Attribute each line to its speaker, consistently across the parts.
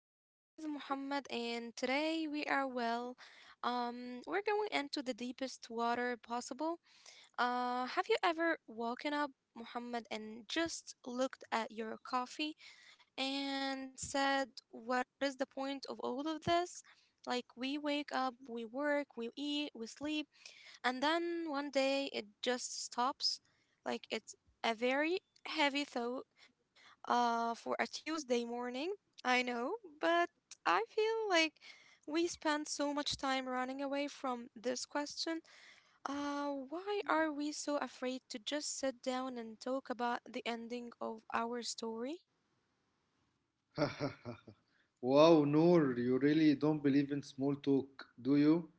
Speaker 1: I'm here with Muhammad, and today we are well. We're going into the deepest water possible. Have you ever woken up, Muhammad, and just looked at your coffee and said, "What is the point of all of this?" Like we wake up, we work, we eat, we sleep, and then one day it just stops. Like it's a very heavy thought for a Tuesday morning. I know, but I feel like we spend so much time running away from this question. Why are we so afraid to just sit down and talk about the ending of our story?
Speaker 2: Wow, Noor, you really don't believe in small talk, do you?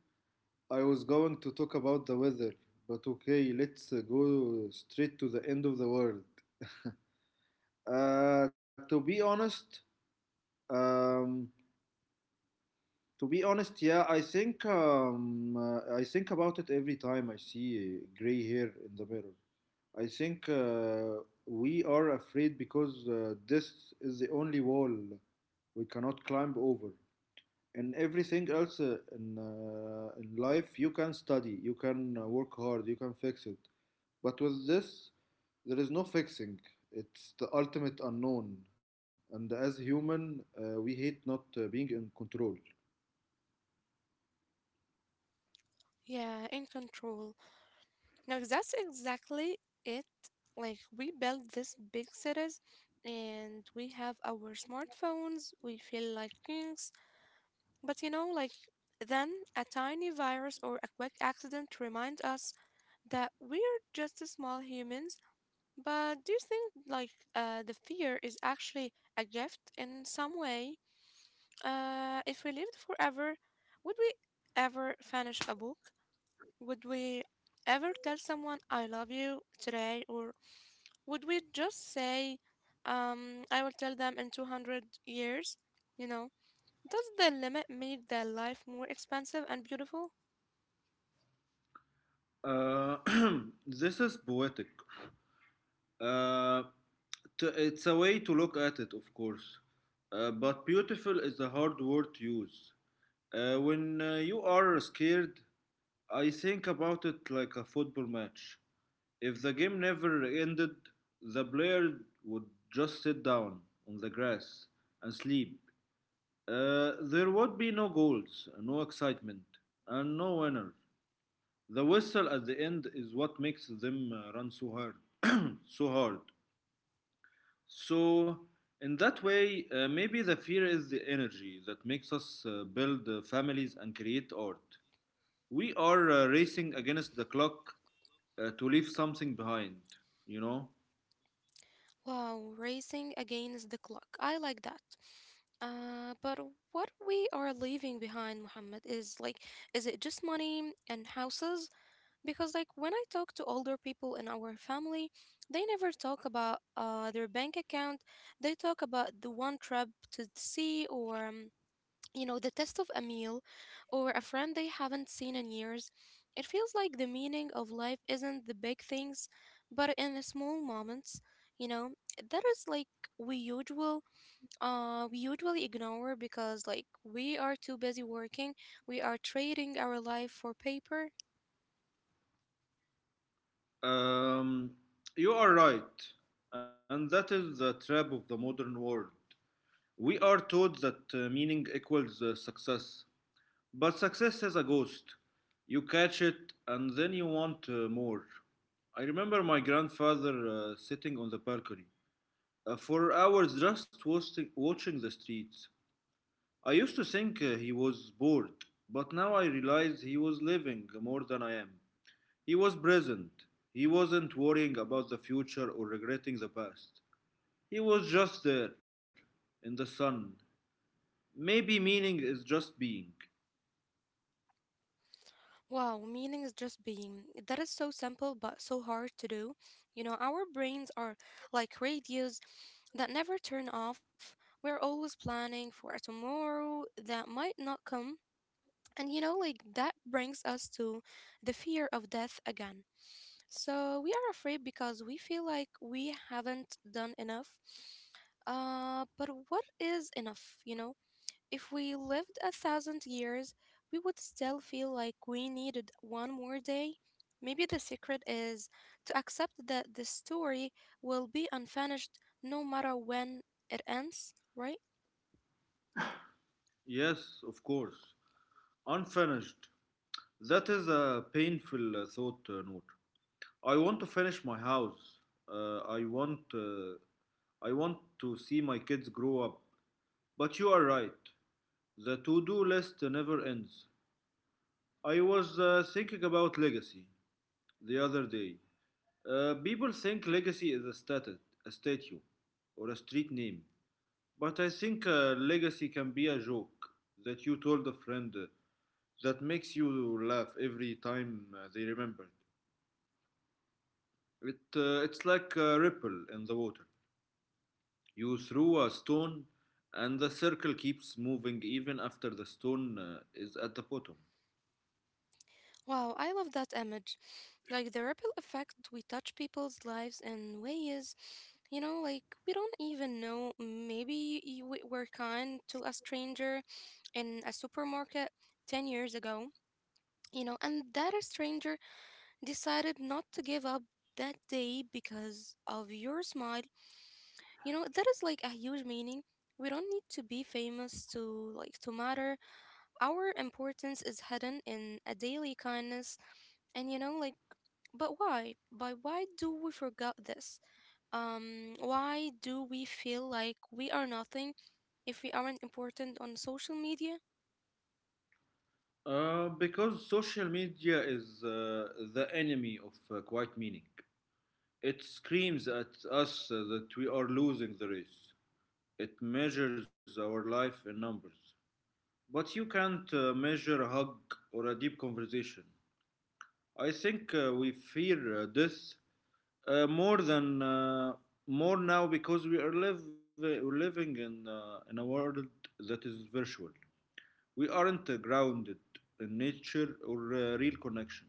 Speaker 2: I was going to talk about the weather, but okay, let's go straight to the end of the world. To be honest, um, yeah, I think I think about it every time I see gray hair in the mirror. I think we are afraid because this is the only wall we cannot climb over. In everything else, in life you can study, you can work hard, you can fix it. But with this, there is no fixing. It's the ultimate unknown. And as human, we hate not being in control.
Speaker 1: Yeah, in control. No, that's exactly it. Like we build these big cities and we have our smartphones, we feel like kings. But you know, like then a tiny virus or a quick accident remind us that we're just small humans. But do you think like the fear is actually a gift in some way? If we lived forever, would we ever finish a book? Would we ever tell someone I love you today, or would we just say, I will tell them in 200 years? You know, does the limit make their life more expensive and beautiful?
Speaker 2: Uh, this is poetic. Uh, it's a way to look at it, of course. But beautiful is a hard word to use. When you are scared, I think about it like a football match. If the game never ended, the player would just sit down on the grass and sleep. There would be no goals, no excitement, and no winner. The whistle at the end is what makes them run so hard, so hard. So, in that way, maybe the fear is the energy that makes us build families and create art. We are racing against the clock to leave something behind, you know?
Speaker 1: Wow, racing against the clock. I like that. But what we are leaving behind, Muhammad, is like, is it just money and houses? Because, like, when I talk to older people in our family, they never talk about their bank account. They talk about the one trip to the sea or, you know, the test of a meal or a friend they haven't seen in years. It feels like the meaning of life isn't the big things, but in the small moments, you know, that is like we usual we usually ignore because like we are too busy working, we are trading our life for paper.
Speaker 2: Um, you are right, and that is the trap of the modern world. We are taught that meaning equals success, but success is a ghost. You catch it, and then you want more. I remember my grandfather sitting on the balcony for hours, just watching the streets. I used to think he was bored, but now I realize he was living more than I am. He was present. He wasn't worrying about the future or regretting the past. He was just there, in the sun. Maybe meaning is just being.
Speaker 1: Wow, meaning is just being. That is so simple but so hard to do. You know, our brains are like radios that never turn off. We're always planning for a tomorrow that might not come. And you know, like that brings us to the fear of death again. So we are afraid because we feel like we haven't done enough. But what is enough, you know? If we lived a thousand years, we would still feel like we needed one more day. Maybe the secret is to accept that the story will be unfinished no matter when it ends, right?
Speaker 2: Yes, of course. Unfinished. That is a painful thought, Noor. I want to finish my house. Uh, I want. Uh, I want to see my kids grow up. But you are right. The to do list never ends. I was thinking about legacy the other day. People think legacy is a statue, or a street name, but I think legacy can be a joke that you told a friend that makes you laugh every time they remember it. It's like a ripple in the water. You throw a stone, and the circle keeps moving even after the stone is at the bottom.
Speaker 1: Wow, I love that image. Like the ripple effect, we touch people's lives in ways, you know, like we don't even know. We were kind to a stranger in a supermarket 10 years ago, you know, and that stranger decided not to give up that day because of your smile. You know, that is like a huge meaning. We don't need to be famous to like to matter. Our importance is hidden in a daily kindness. And you know, like but why? But why do we forget this? Why do we feel like we are nothing if we aren't important on social media?
Speaker 2: Because social media is the enemy of quiet meaning. It screams at us that we are losing the race. It measures our life in numbers. But you can't measure a hug or a deep conversation. I think we fear death uh, more than uh, more now because we're living in a world that is virtual. We aren't grounded in nature or real connection.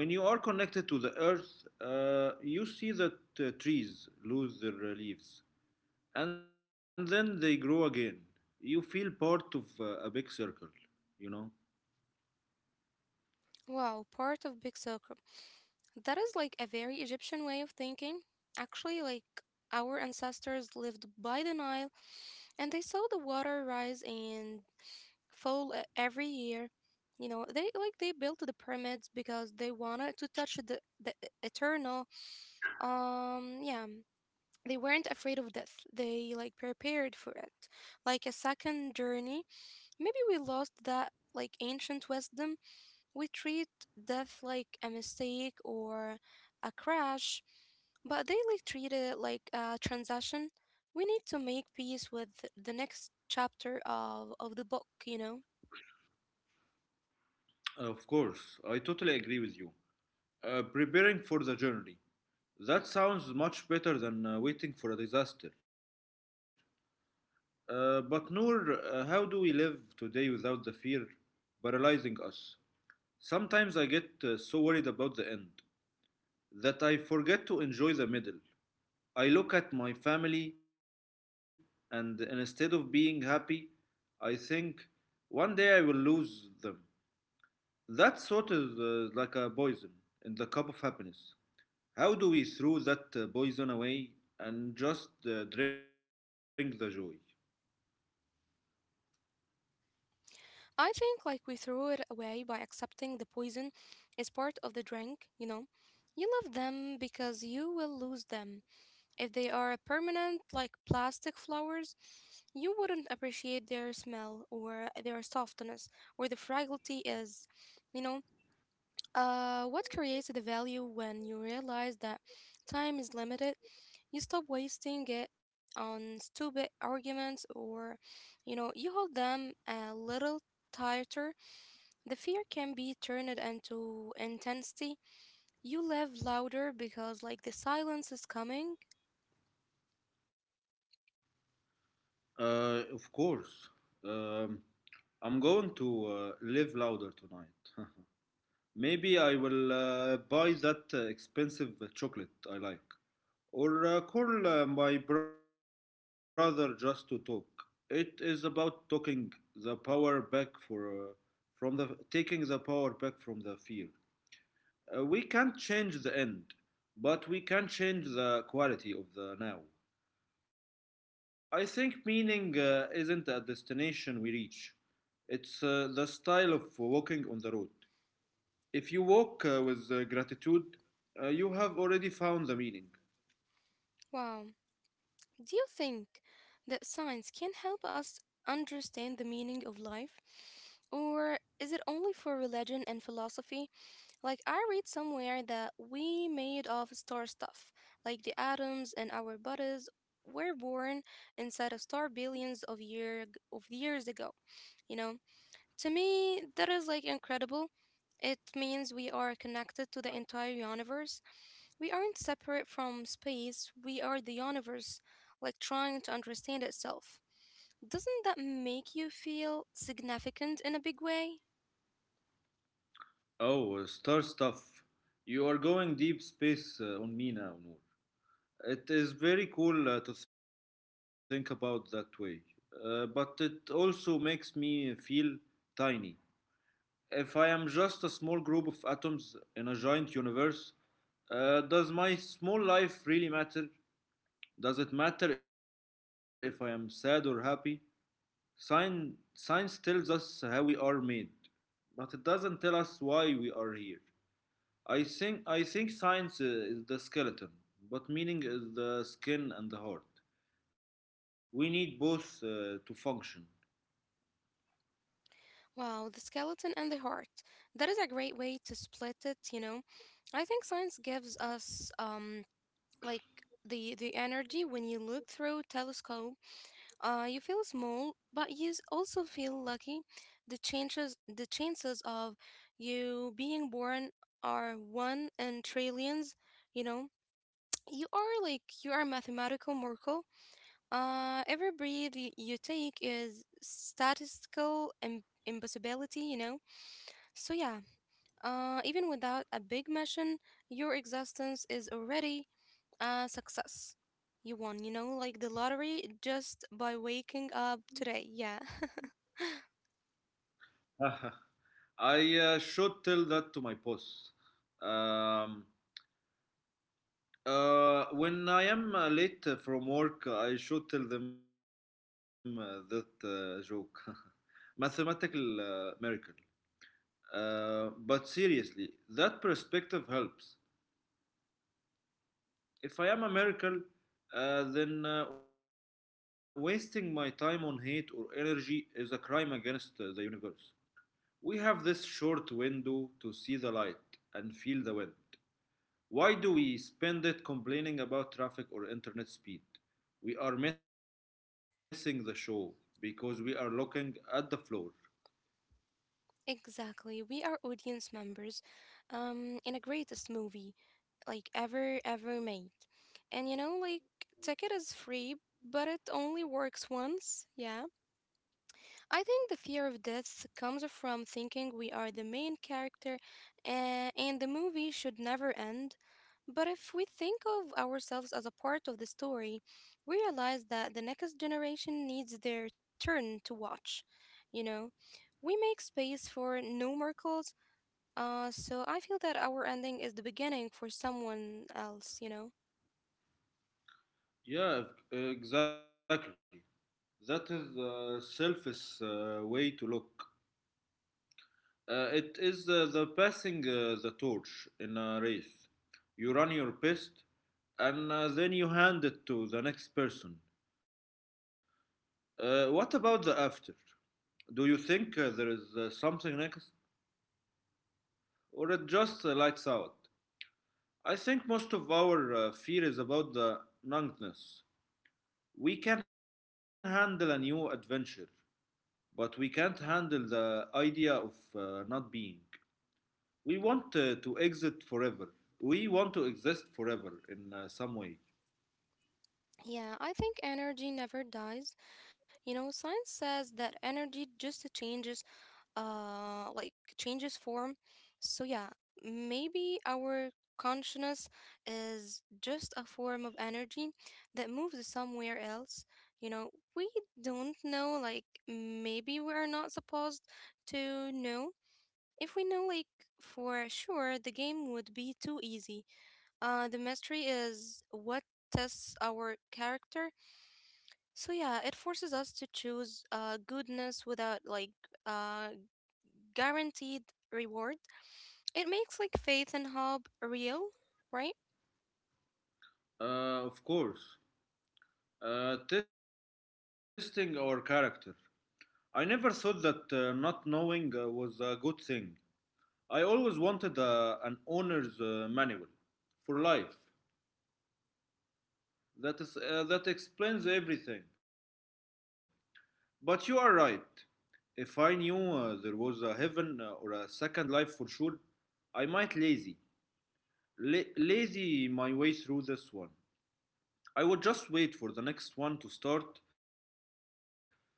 Speaker 2: When you are connected to the earth, you see that trees lose their leaves, and then they grow again. You feel part of a big circle, you know?
Speaker 1: Wow, part of big circle. That is like a very Egyptian way of thinking. Actually, like our ancestors lived by the Nile and they saw the water rise and every year. You know, they like they built the pyramids because they wanted to touch the eternal. Yeah, they weren't afraid of death. They like prepared for it, like a second journey. Maybe we lost that like ancient wisdom. We treat death like a mistake or a crash, but they like treat it like a transaction. We need to make peace with the next chapter of the book, you know?
Speaker 2: Of course, I totally agree with you. Preparing for the journey. That sounds much better than waiting for a disaster. But Noor, how do we live today without the fear paralyzing us? Sometimes I get so worried about the end that I forget to enjoy the middle. I look at my family, and instead of being happy, I think one day I will lose them. That sort of like a poison in the cup of happiness. How do we throw that poison away and just drink the joy?
Speaker 1: I think like we threw it away by accepting the poison is part of the drink, you know? You love them because you will lose them. If they are permanent, like plastic flowers, you wouldn't appreciate their smell or their softness or the fragility is, you know? What creates the value when you realize that time is limited? You stop wasting it on stupid arguments or, you know, you hold them a little tighter. The fear can be turned into intensity. You laugh louder because, like, the silence is coming.
Speaker 2: Of course. Um, I'm going to live louder tonight. Maybe I will buy that expensive chocolate I like, or call my brother just to talk. It is about talking the power back for from the taking the power back from the fear. We can't change the end, but we can change the quality of the now. I think meaning isn't a destination we reach. It's the style of walking on the road. If you walk with gratitude, you have already found the meaning.
Speaker 1: Wow. Do you think that science can help us understand the meaning of life? Or is it only for religion and philosophy? Like I read somewhere that we made of star stuff, like the atoms in our bodies were born inside a star billions of years ago. You know, to me that is like incredible. It means we are connected to the entire universe. We aren't separate from space. We are the universe, like trying to understand itself. Doesn't that make you feel significant in a big way?
Speaker 2: Oh, star stuff. You are going deep space on me now, Noor. It is very cool to think about that way, but it also makes me feel tiny. If I am just a small group of atoms in a giant universe, does my small life really matter? Does it matter if I am sad or happy? Science tells us how we are made, but it doesn't tell us why we are here. I think science is the skeleton, but meaning is the skin and the heart. We need both to function.
Speaker 1: Wow, the skeleton and the heart. That is a great way to split it, you know. I think science gives us like the energy when you look through telescope. You feel small, but also feel lucky. The chances of you being born are one in trillions, you know. You are like you are a mathematical miracle. Every breath you take is statistical impossibility, you know, so, yeah, even without a big mission, your existence is already a success. You won, you know, like the lottery just by waking up today. Yeah,
Speaker 2: I should tell that to my boss. Um, when I am late from work, I should tell them that joke. Mathematical miracle. But seriously, that perspective helps. If I am a miracle, then wasting my time on hate or energy is a crime against the universe. We have this short window to see the light and feel the wind. Why do we spend it complaining about traffic or internet speed? We are missing the show because we are looking at the floor.
Speaker 1: exactly. We are audience members in a greatest movie like ever, ever made. And you know, like, ticket is free, but it only works once. Yeah. I think the fear of death comes from thinking we are the main character and the movie should never end. But if we think of ourselves as a part of the story, we realize that the next generation needs their turn to watch. You know, we make space for new miracles, so I feel that our ending is the beginning for someone else, you know?
Speaker 2: Yeah, exactly. That is the selfish way to look. It is the passing the torch in a race. You run your best, and then you hand it to the next person. What about the after? Do you think there is something next, or it just lights out? I think most of our fear is about the numbness. We can handle a new adventure, but we can't handle the idea of not being. We want to exit forever. We want to exist forever in some way.
Speaker 1: Yeah, I think energy never dies. You know, science says that energy just changes, like changes form. So yeah, maybe our consciousness is just a form of energy that moves somewhere else. You know, we don't know. Like maybe we are not supposed to know. If we know, like for sure, the game would be too easy. The mystery is what tests our character, so yeah, it forces us to choose goodness without like uh, guaranteed reward. It makes like faith and hope real, right?
Speaker 2: Uh, of course. Testing our character. I never thought that not knowing was a good thing. I always wanted an owner's manual for life that explains everything. But you are right. If I knew there was a heaven or a second life for sure, I might lazy. Lazy my way through this one. I would just wait for the next one to start,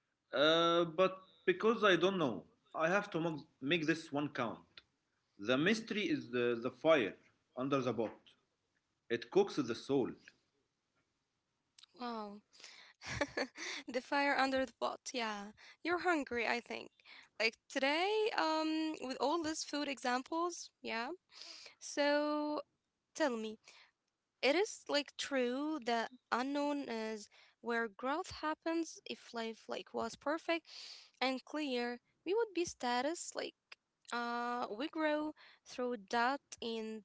Speaker 2: but because I don't know, I have to make this one count. The mystery is the fire under the pot. It cooks the soul.
Speaker 1: Wow. the fire under the pot. Yeah. You're hungry, I think. Like today, with all these food examples, yeah. So tell me, it is like true that unknown is where growth happens. If life like was perfect and clear, we would be status. Like we grow through doubt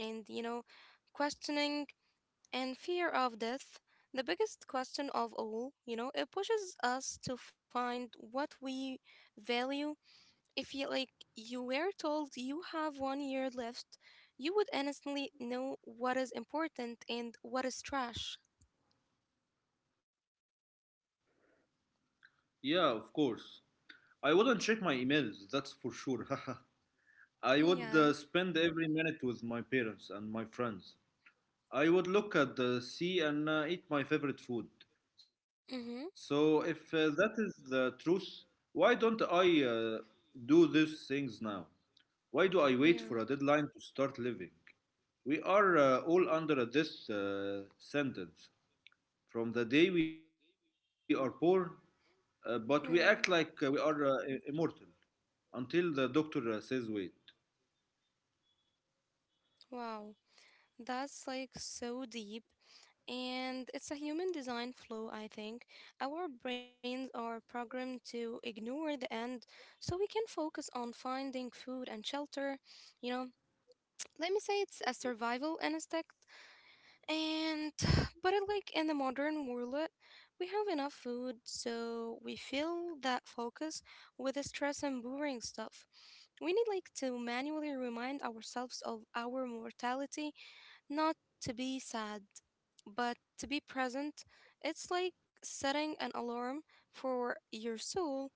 Speaker 1: and you know questioning and fear of death. The biggest question of all, you know, it pushes us to find what we value. If you like you were told you have one year left, you would instantly know what is important and what is trash.
Speaker 2: Yeah, of course. I wouldn't check my emails, that's for sure. I
Speaker 1: Yeah.
Speaker 2: would spend every minute with my parents and my friends. I would look at the sea and eat my favorite food.
Speaker 1: Mm-hmm.
Speaker 2: So, if that is the truth, why don't I do these things now? Why
Speaker 1: Yeah.
Speaker 2: do I wait for a deadline to start living? We are all under this sentence from the day we are born, but we
Speaker 1: Yeah.
Speaker 2: act like we are immortal until the doctor says, "Wait."
Speaker 1: Wow. That's like so deep. And it's a human design flaw, I think. Our brains are programmed to ignore the end so we can focus on finding food and shelter. You know, let me say it's a survival instinct. And but it, like in the modern world, we have enough food, so we fill that focus with the stress and boring stuff. We need like to manually remind ourselves of our mortality, not to be sad, but to be present. It's like setting an alarm for your soul.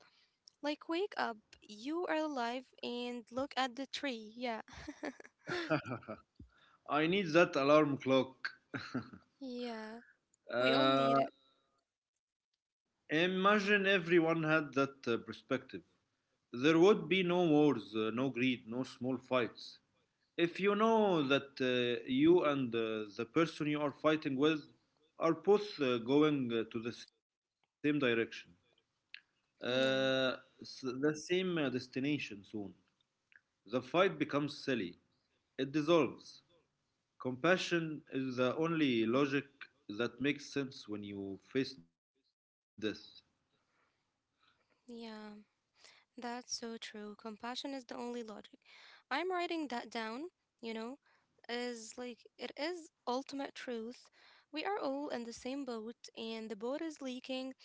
Speaker 1: Like wake up, you are alive, and look at the tree. Yeah,
Speaker 2: I need that alarm clock.
Speaker 1: yeah. We all need it.
Speaker 2: Uh, Imagine everyone had that perspective. There would be no wars, no greed, no small fights. If you know that you and the person you are fighting with are both going to the same direction,
Speaker 1: Yeah,
Speaker 2: the same destination soon. The fight becomes silly. It dissolves. Compassion is the only logic that makes sense when you face death.
Speaker 1: yeah. That's so true. Compassion is the only logic. I'm writing that down, you know, is like it is ultimate truth. We are all in the same boat and the boat is leaking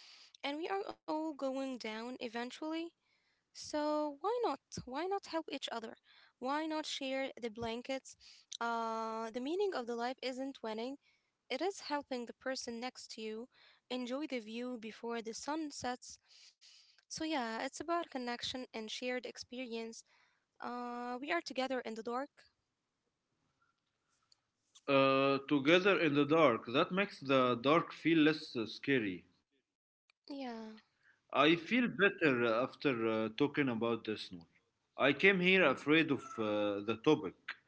Speaker 1: and we are all going down eventually. So why not? Why not help each other? Why not share the blankets? The meaning of the life isn't winning. It is helping the person next to you enjoy the view before the sun sets. So yeah, it's about connection and shared experience. We are together in the dark.
Speaker 2: Together in the dark, that makes the dark feel less scary.
Speaker 1: Yeah,
Speaker 2: I feel better after talking about this, Noor. I came here afraid of the topic,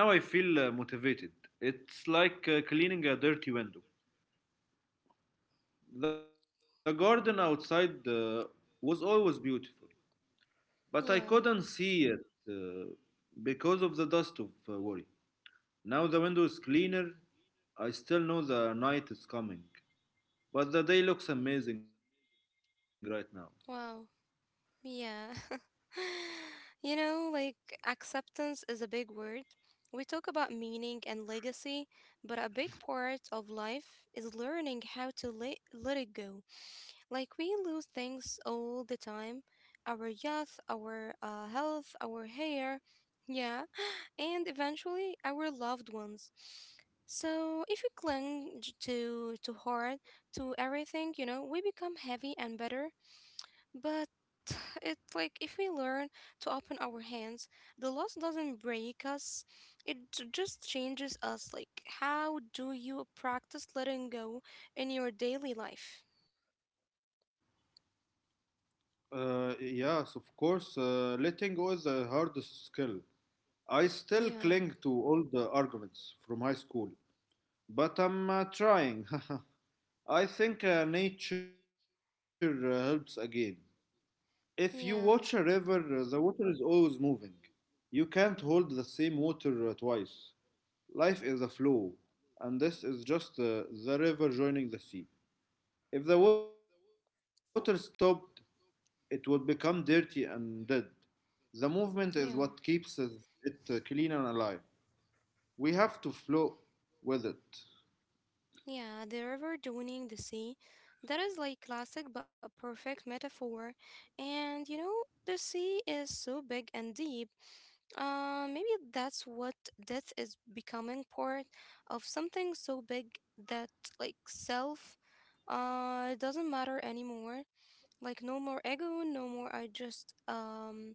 Speaker 2: but now I feel motivated. It's like cleaning a dirty window. The garden outside was always beautiful, but I
Speaker 1: yeah.
Speaker 2: couldn't see it uh, because of the dust of worry. Now the window is cleaner. I still know the night is coming, but the day looks amazing right now.
Speaker 1: Wow. Yeah. you know, like acceptance is a big word. We talk about meaning and legacy, but a big part of life is learning how to let it go. Like we lose things all the time, our youth, our health, our hair. Yeah. And eventually our loved ones. So if you cling to hard to everything, you know, we become heavy and bitter, but it's like if we learn to open our hands, the loss doesn't break us. It just changes us. Like, how do you practice letting go in your daily life?
Speaker 2: Yes, of course. Letting go is the hardest skill. I still cling to
Speaker 1: Yeah,
Speaker 2: all the arguments from high school, but I'm trying. I think nature helps again. If you watch a river,
Speaker 1: yeah,
Speaker 2: the water is always moving. You can't hold the same water twice. Life is a flow, and this is just the river joining the sea. If the water stopped, it would become dirty and dead. The movement is what
Speaker 1: yeah.
Speaker 2: keeps it clean and alive. We have to flow with it.
Speaker 1: Yeah, the river joining the sea. That is like classic but perfect metaphor. And you know, the sea is so big and deep. Maybe that's what death is becoming part of something so big that like self doesn't matter anymore. Like no more ego, no more I just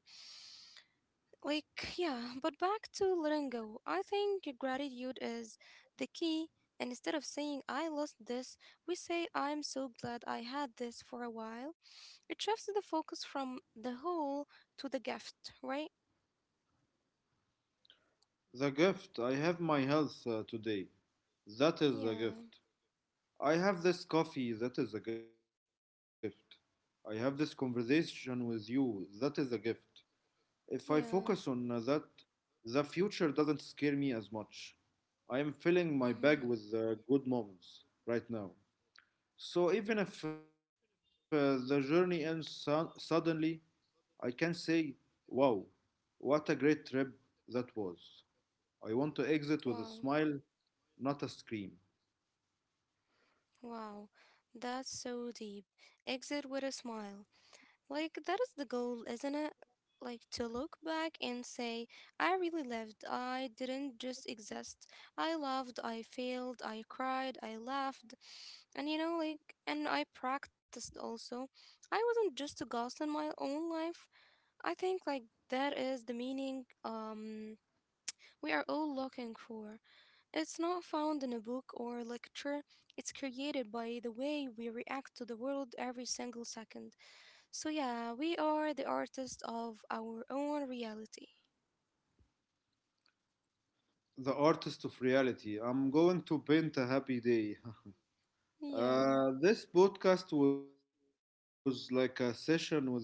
Speaker 1: like, yeah, but back to letting go. I think gratitude is the key. And instead of saying, I lost this, we say, I'm so glad I had this for a while. It shifts the focus from the whole to the gift, right?
Speaker 2: The gift. I have my health today. That
Speaker 1: Yeah,
Speaker 2: is the gift. I have this coffee that is a gift. I have this conversation with you that is a gift. If I
Speaker 1: yeah.
Speaker 2: focus on that, the future doesn't scare me as much. I am
Speaker 1: Mm-hmm.
Speaker 2: filling my bag with good moments right now. So even if the journey ends suddenly, I can say, wow, what a great trip that was. I want
Speaker 1: Wow,
Speaker 2: to exit with a smile, not a scream.
Speaker 1: wow. That's so deep. Exit with a smile. Like, that is the goal, isn't it? Like, to look back and say, I really lived. I didn't just exist. I loved, I failed, I cried, I laughed. And you know, like, and I practiced also. I wasn't just a ghost in my own life. I think, like, that is the meaning, we are all looking for. It's not found in a book or a lecture, it's created by the way we react to the world every single second. So, yeah, we are the artists of our own reality.
Speaker 2: The artist of reality. I'm going to paint a happy day.
Speaker 1: Yeah,
Speaker 2: This podcast was like a session with a wise friend.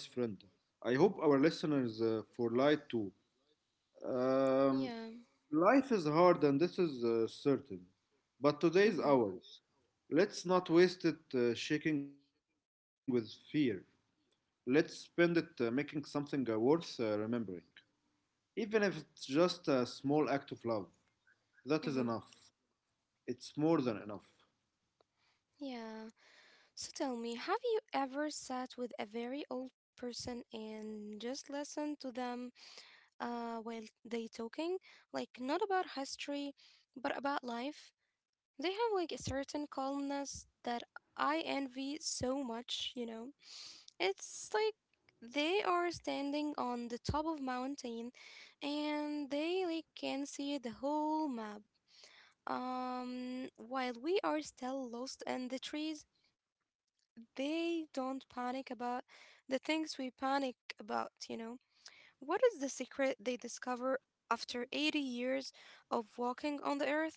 Speaker 2: I hope our listeners for light too. Um,
Speaker 1: yeah,
Speaker 2: Life is hard and this is certain, but today is
Speaker 1: mm-hmm,
Speaker 2: ours. Let's not waste it shaking with fear. Let's spend it making something worth remembering. Even if it's just a small act of love, that is
Speaker 1: mm-hmm,
Speaker 2: enough. It's more than enough.
Speaker 1: yeah. So, tell me, have you ever sat with a very old person and just listened to them while they talking? Like, not about history, but about life? They have like a certain calmness that I envy so much, you know. It's like they are standing on the top of mountain and they like can see the whole map. While we are still lost in the trees, they don't panic about the things we panic about, you know. What is the secret they discover after 80 years of walking on the earth?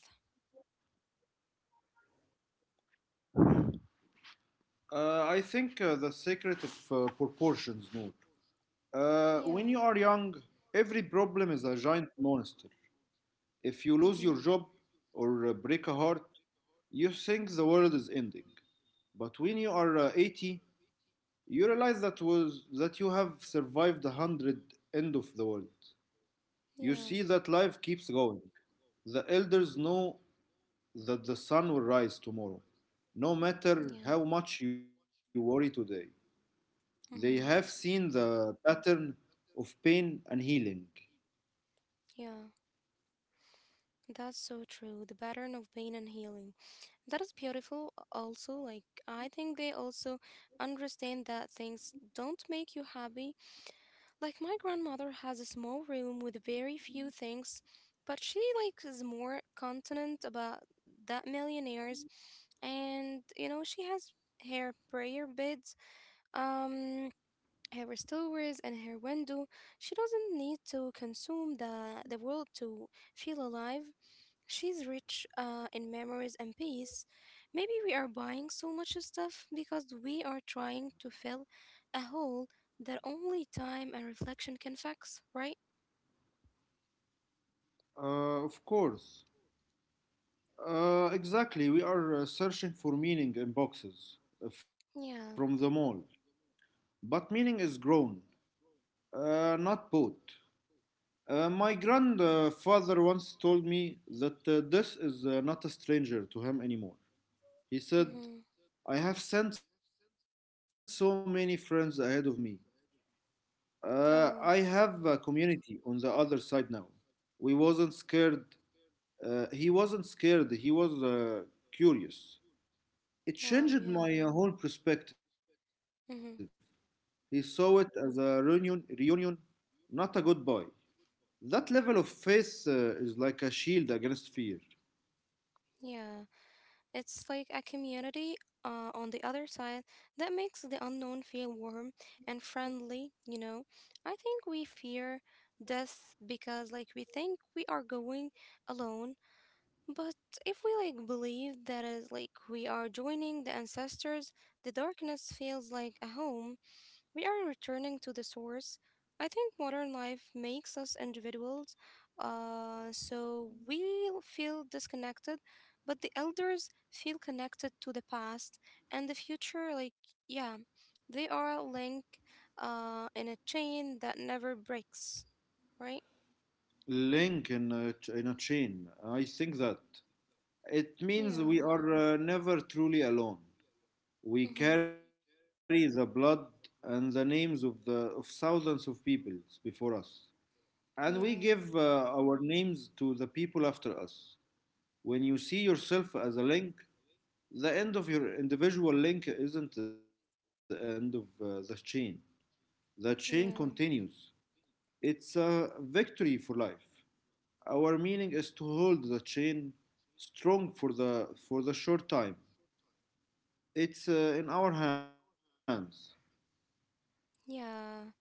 Speaker 2: I think the secret of proportions, Noor.
Speaker 1: Yeah.
Speaker 2: When you are young, every problem is a giant monster. If
Speaker 1: Mhm.
Speaker 2: you lose your job or break a heart, you think the world is ending. But when you are 80, you realize that was that you have survived a hundred end of the world.
Speaker 1: Yeah.
Speaker 2: You see that life keeps going. The elders know that the sun will rise tomorrow,
Speaker 1: Yeah.
Speaker 2: no matter how much you worry today.
Speaker 1: Mm-hmm.
Speaker 2: They have seen the pattern of pain and healing.
Speaker 1: Yeah, that's so true. The pattern of pain and healing. That is beautiful, also. Like, I think they also understand that things don't make you happy. Like, my grandmother has a small room with very few things, but she, like, is more continent about that millionaires. And, you know, she has her prayer beds, um, her stores, and her window. She doesn't need to consume the world to feel alive. She's rich in memories and peace. Maybe we are buying so much stuff because we are trying to fill a hole that only time and reflection can fix, right?
Speaker 2: Of course. Exactly. We are searching for meaning in boxes from the
Speaker 1: Yeah.
Speaker 2: mall. But meaning is grown, not bought. My grandfather once told me that this is not a stranger to him anymore. He said,
Speaker 1: Mm-hmm.
Speaker 2: I have sent so many friends ahead of me. I have a
Speaker 1: Oh,
Speaker 2: community on the other side now. We wasn't scared. He wasn't scared. He was curious. It
Speaker 1: wow,
Speaker 2: changed
Speaker 1: yeah.
Speaker 2: my whole perspective. He
Speaker 1: Mm-hmm.
Speaker 2: saw it as a reunion, not a goodbye. That level of faith is like a shield against fear,
Speaker 1: Yeah, it's like a community on the other side that makes the unknown feel warm and friendly, you know. I think we fear death because, like, we think we are going alone. But if we like believe that is like we are joining the ancestors, the darkness feels like a home. We are returning to the source. I think modern life makes us individuals, so we feel disconnected, but the elders feel connected to the past and the future. Like, yeah, they are a link in a chain that never breaks, right?
Speaker 2: link in a, in a chain. I think that it means
Speaker 1: Yeah,
Speaker 2: we are never truly alone. We
Speaker 1: mm-hmm.
Speaker 2: carry the blood and the names of the of thousands of peoples before us, and we give
Speaker 1: Yeah,
Speaker 2: our names to the people after us. When you see yourself as a link, the end of your individual link isn't the end of the chain. The chain continues.
Speaker 1: yeah.
Speaker 2: It's a victory for life. Our meaning is to hold the chain strong for the short time. It's in our hands.
Speaker 1: Yeah,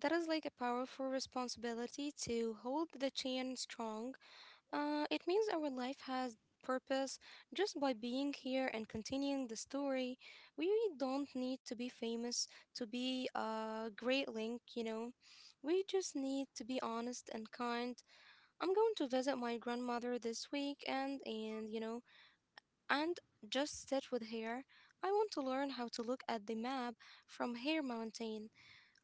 Speaker 1: that is like a powerful responsibility to hold the chain strong. It means our life has purpose just by being here and continuing the story. We don't need to be famous to be a great link, you know. We just need to be honest and kind. I'm going to visit my grandmother this week and you know, and just sit with her. I want to learn how to look at the map from her mountain.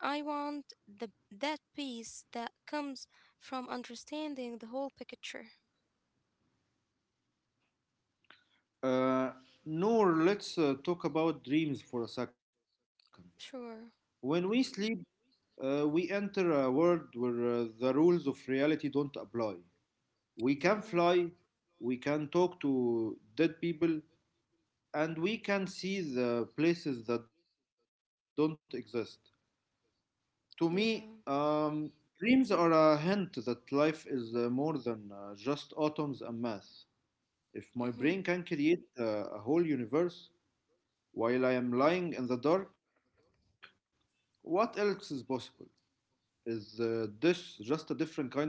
Speaker 1: I want the that peace that comes from understanding the whole picture.
Speaker 2: Uh, Nor, let's talk about dreams for a second. When we
Speaker 1: Sure.
Speaker 2: sleep, we enter a world where the rules of reality don't apply. We can
Speaker 1: Yeah.
Speaker 2: fly, we can talk to dead people, and we can see the places that don't exist. To me,
Speaker 1: Yeah.
Speaker 2: dreams are a hint that life is more than just atoms and math. If my brain can
Speaker 1: Mm-hmm.
Speaker 2: create a whole universe while I am lying in the dark, what else is possible? Is this just a different kind of dreaming?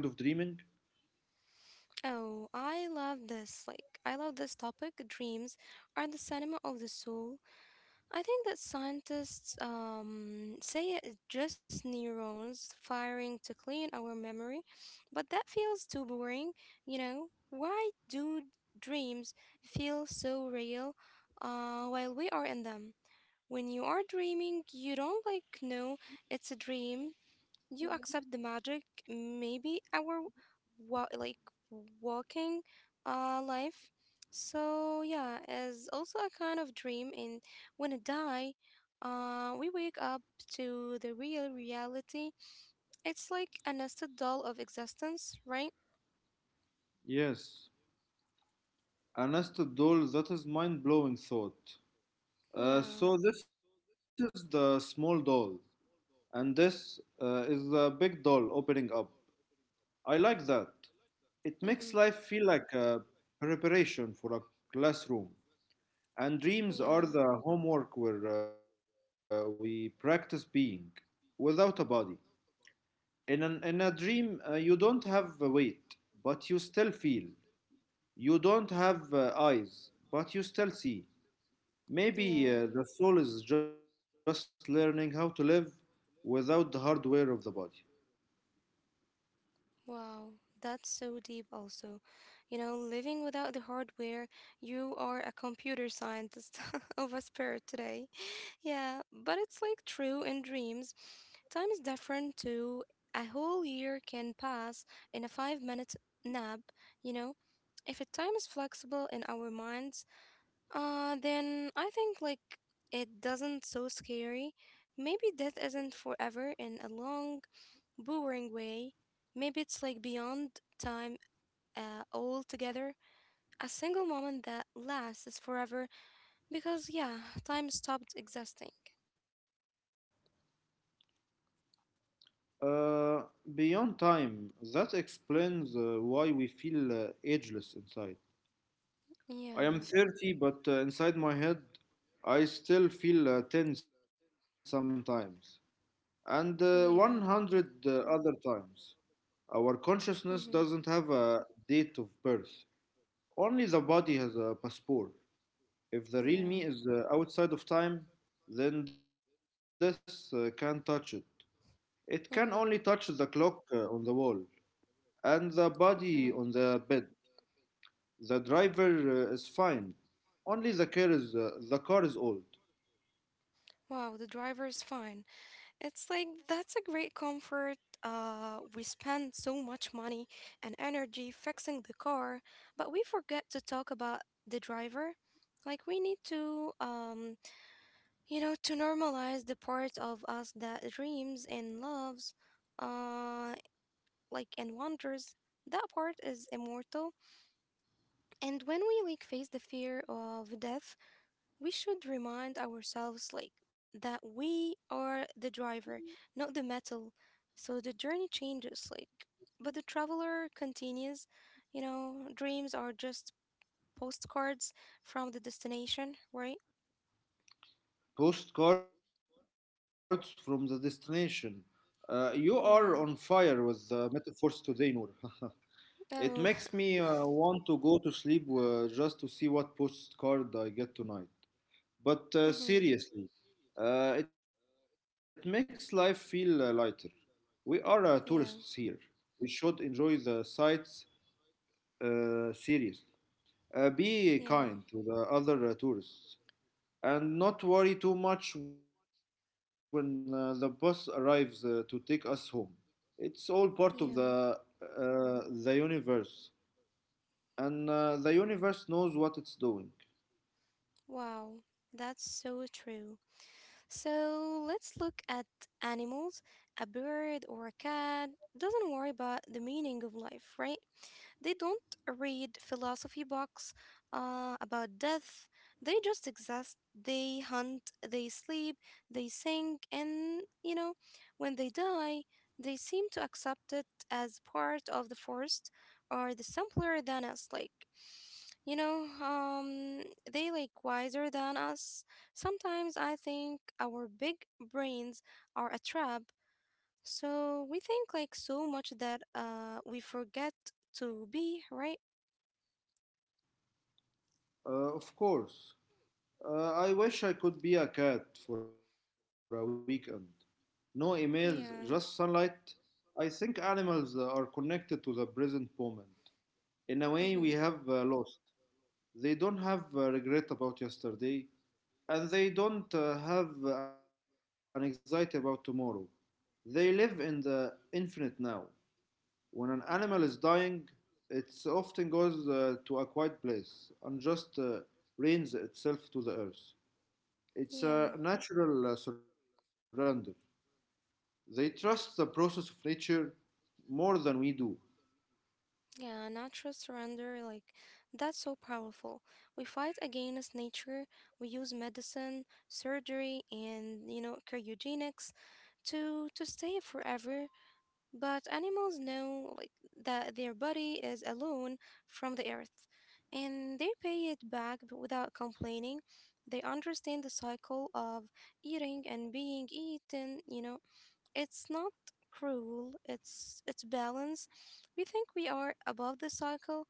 Speaker 1: Oh, I love this. Like, I love this topic. Dreams are the cinema of the soul. I think that scientists say it's just neurons firing to clean our memory, but that feels too boring. You know, why do dreams feel so real while we are in them? When you are dreaming, you don't like know it's a dream. You accept the magic. Maybe our wa- like walking life. So yeah, is also a kind of dream. And when I die, we wake up to the real reality. It's like a nested doll of existence, right?
Speaker 2: Yes, a nested doll, that is mind blowing thought.
Speaker 1: Yeah.
Speaker 2: So, this is the small doll, and this is the big doll opening up. I like that. It makes life
Speaker 1: Mm-hmm.
Speaker 2: feel like a preparation for a classroom, and dreams are
Speaker 1: Yeah.
Speaker 2: the homework where we practice being without a body. In a dream, you don't have a weight, but you still feel. You don't have eyes, but you still see. Maybe
Speaker 1: Yeah.
Speaker 2: the soul is just learning how to live without the hardware of the body.
Speaker 1: Wow, that's so deep, also. You know, living without the hardware, you are a computer scientist of a spirit today. Yeah, but it's like true in dreams. Time is different too. A whole year can pass in a 5 minute nap, you know? If a time is flexible in our minds, then I think like it doesn't so scary. Maybe death isn't forever in a long, boring way. Maybe it's like beyond time altogether. A single moment that lasts forever because yeah, time stopped existing.
Speaker 2: Uh, Beyond time, that explains why we feel ageless inside. I am
Speaker 1: Yeah,
Speaker 2: 30, but inside my head, I still feel 10 sometimes, and 100
Speaker 1: yeah,
Speaker 2: other times. Our consciousness doesn't have
Speaker 1: mm-hmm,
Speaker 2: a date of birth, only the body has a passport. If the real me
Speaker 1: yeah,
Speaker 2: is outside of time, then this can't touch it. It can only touch the
Speaker 1: mm-hmm,
Speaker 2: clock on the wall, and the body on the
Speaker 1: yeah.
Speaker 2: bed. The driver is fine. Only the car is old.
Speaker 1: Wow, the driver is fine. It's like that's a great comfort. We spend so much money and energy fixing the car, but we forget to talk about the driver. Like we need to, you know, to normalize the part of us that dreams and loves, uh, like and wonders. That part is immortal. And when we like face the fear of death we should remind ourselves like that we are the driver, not the metal. So the journey changes like but the traveler continues, you know, dreams are just postcards from the destination, right?
Speaker 2: Postcards from the destination. You are on fire with
Speaker 1: Yeah.
Speaker 2: the metaphors today, Noor. It makes me
Speaker 1: Oh.
Speaker 2: want to go to sleep just to see what postcard I get tonight. But
Speaker 1: Mhm.
Speaker 2: seriously, it makes life feel lighter. We are tourists here.
Speaker 1: Yeah.
Speaker 2: We should enjoy the sights seriously. Be kind
Speaker 1: Yeah.
Speaker 2: to the other tourists and not worry too much when the bus arrives to take us home. It's all part of
Speaker 1: Yeah.
Speaker 2: the universe, and the universe knows what it's doing.
Speaker 1: Wow, that's so true. So let's look at animals. A bird or a cat doesn't worry about the meaning of life, right? They don't read philosophy books about death. They just exist. They hunt, they sleep, they sing, and you know, when they die, they seem to accept it as part of the forest or the simpler than us. Like, you know, they like wiser than us. Sometimes I think our big brains are a trap. So we think like so much that we forget to be, right?
Speaker 2: Of course, I wish I could be a cat for a weekend. No emails, just
Speaker 1: Yeah.
Speaker 2: sunlight. I think animals are connected to the present moment. In a way, we
Speaker 1: Mm-hmm.
Speaker 2: have lost. They don't have regret about yesterday, and they don't have an anxiety about tomorrow. They live in the infinite now. When an animal is dying, it often goes to a quiet place and just rains itself to the earth. It's a
Speaker 1: Yeah.
Speaker 2: natural surrender. They trust the process of nature more than we do,
Speaker 1: Yeah. Natural surrender, like, that's so powerful. We fight against nature. We use medicine, surgery, and you know, cryogenics to stay forever. But animals know, like, that their body is alone from the earth, and they pay it back without complaining. They understand the cycle of eating and being eaten. You know, it's not cruel, it's balance. We think we are above the cycle,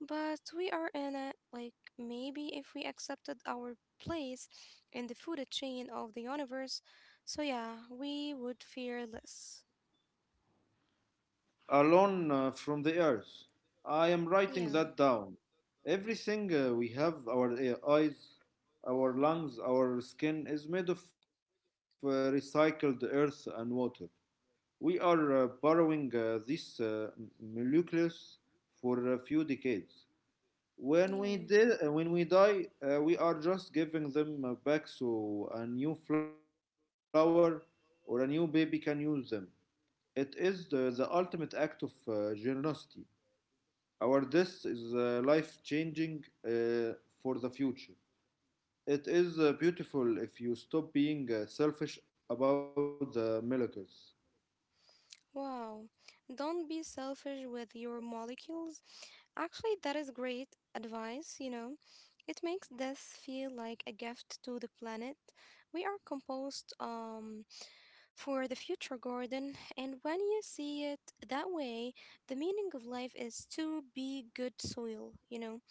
Speaker 1: but we are in it. Like maybe if we accepted our place in the food chain of the universe, so yeah, we would fear less.
Speaker 2: alone from the earth. I am writing
Speaker 1: Yeah,
Speaker 2: that down. Everything we have, our eyes, our lungs, our skin, is made of recycled earth and water. We are borrowing this molecules for a few decades. When
Speaker 1: yeah.
Speaker 2: we did, when we die, we are just giving them back so a new flower or a new baby can use them. It is the ultimate act of generosity. Our this is life changing for the future. It is beautiful if you stop being selfish about the miracles.
Speaker 1: Wow, don't be selfish with your molecules. Actually, that is great advice, you know. It makes this feel like a gift to the planet. We are composed for the future garden, and when you see it that way, the meaning of life is to be good soil, you know.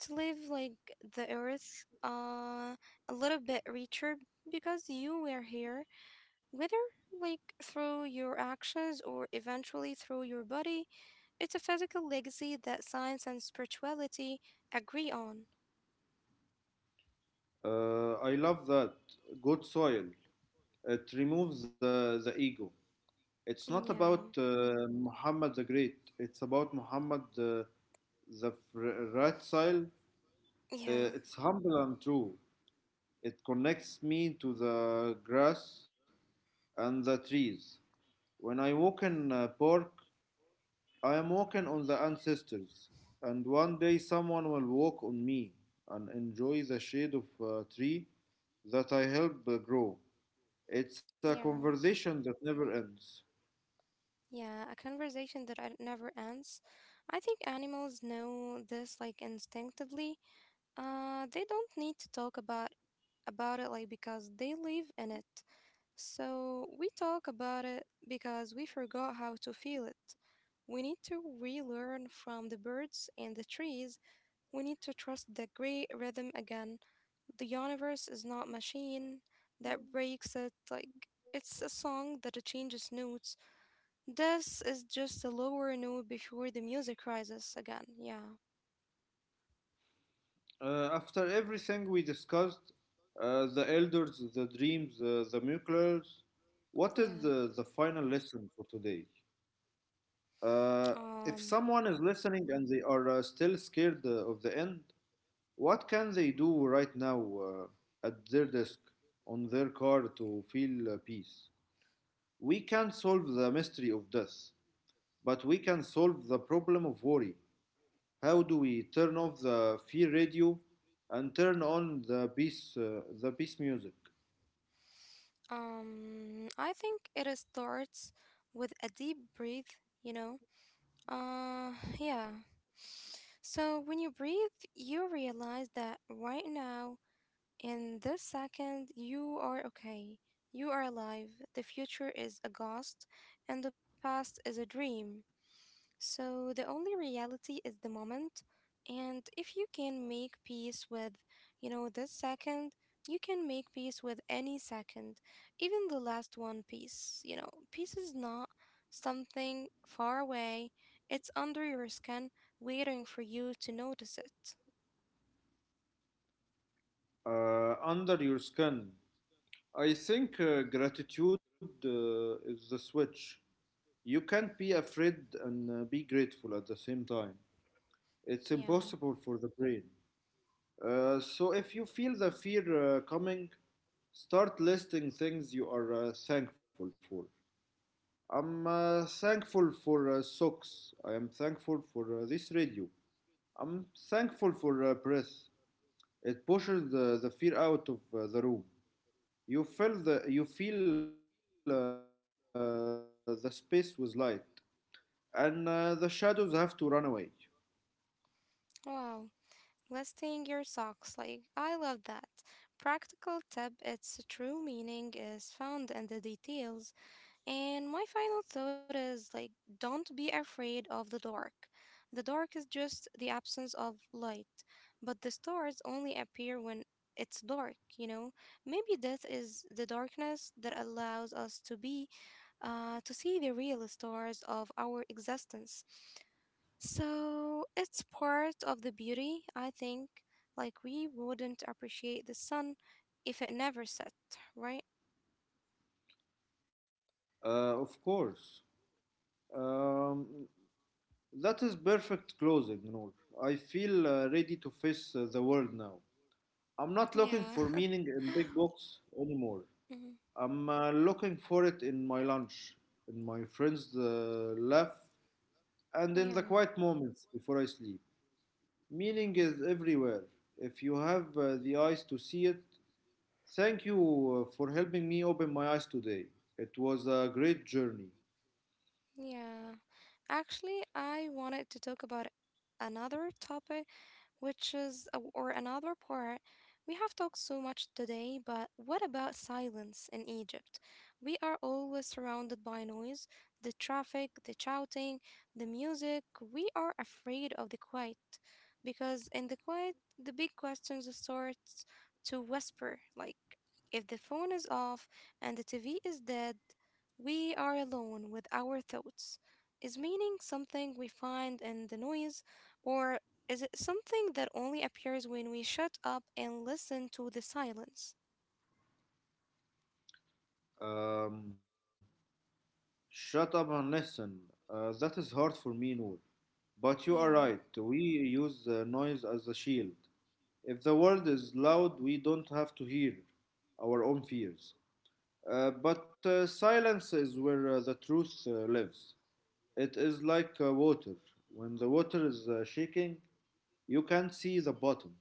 Speaker 1: To live like the earth a little bit richer because you were here whether like through your actions or eventually through your body, it's a physical legacy that science and spirituality agree on.
Speaker 2: I love that. Good soil. It removes the ego. It's not
Speaker 1: Yeah,
Speaker 2: about Muhammad the Great. It's about Muhammad the right soil.
Speaker 1: yeah,
Speaker 2: It's humble and true. It connects me to the grass and the trees. When I walk in a park, I am walking on the ancestors, and one day someone will walk on me and enjoy the shade of a tree that I helped grow. It's a
Speaker 1: yeah,
Speaker 2: conversation that never ends.
Speaker 1: yeah. A conversation that I never ends. I think animals know this like instinctively. They don't need to talk about it like because they live in it. So we talk about it because we forgot how to feel it. We need to relearn from the birds and the trees. We need to trust the great rhythm again. The universe is not machine that breaks it like it's a song that changes notes. This is just a lower note before the music rises again. Yeah.
Speaker 2: After everything we discussed, the elders, the dreams, the miracles, what is
Speaker 1: Yeah.
Speaker 2: the final lesson for today? Uh, if
Speaker 1: Um
Speaker 2: someone is listening and they are still scared of the end, what can they do right now at their desk on their car to feel peace? We can't solve the mystery of death, but we can solve the problem of worry. How do we turn off the fear radio and turn on the peace music?
Speaker 1: um I think it starts with a deep breath, you know. Uh, yeah. So when you breathe, you realize that right now, in this second, you are okay. You are alive. The future is a ghost, and the past is a dream. So the only reality is the moment, and if you can make peace with, you know, this second, you can make peace with any second, even the last one piece. You know, peace is not something far away. It's under your skin, waiting for you to notice it.
Speaker 2: Under your skin, I think gratitude is the switch. You can't be afraid and be grateful at the same time. It's
Speaker 1: Yeah.
Speaker 2: impossible for the brain. So if you feel the fear coming, start listing things you are thankful for. I'm thankful for socks. I am thankful for this radio. I'm thankful for breath. It pushes the fear out of the room. You feel the space with light, and the shadows have to run away.
Speaker 1: Wow. Listing your socks, like I love that. Practical tip, its true meaning is found in the details. And my final thought is like, don't be afraid of the dark. The dark is just the absence of light, but the stars only appear when it's dark, you know? Maybe that is the darkness that allows us to be, to see the real stars of our existence. So it's part of the beauty, I think. Like, we wouldn't appreciate the sun if it never set, right?
Speaker 2: Of course. Um, That is perfect closing, Noor. I feel ready to face the world now. I'm not looking
Speaker 1: Yeah.
Speaker 2: for meaning in big books anymore.
Speaker 1: Mhm.
Speaker 2: I'm looking for it in my lunch, in my friends' laugh, and in the
Speaker 1: Yeah.
Speaker 2: quiet moments before I sleep. Meaning is everywhere. If you have the eyes to see it, thank you for helping me open my eyes today. It was a great journey.
Speaker 1: Yeah. Actually, I wanted to talk about another topic which is a, or another part. We have talked so much today, but what about silence in Egypt? We are always surrounded by noise, the traffic, the shouting, the music. We are afraid of the quiet because in the quiet, the big questions start to whisper. Like if the phone is off and the TV is dead, we are alone with our thoughts. Is meaning something we find in the noise or is it something that only appears when we shut up and listen to the silence?
Speaker 2: Um, Shut up and listen. That is hard for me, Noor. But you are
Speaker 1: Yeah,
Speaker 2: right, we use the noise as a shield. If the world is loud, we don't have to hear our own fears. But silence is where the truth lives. It is like water. When the water is shaking, you can't see the bottom.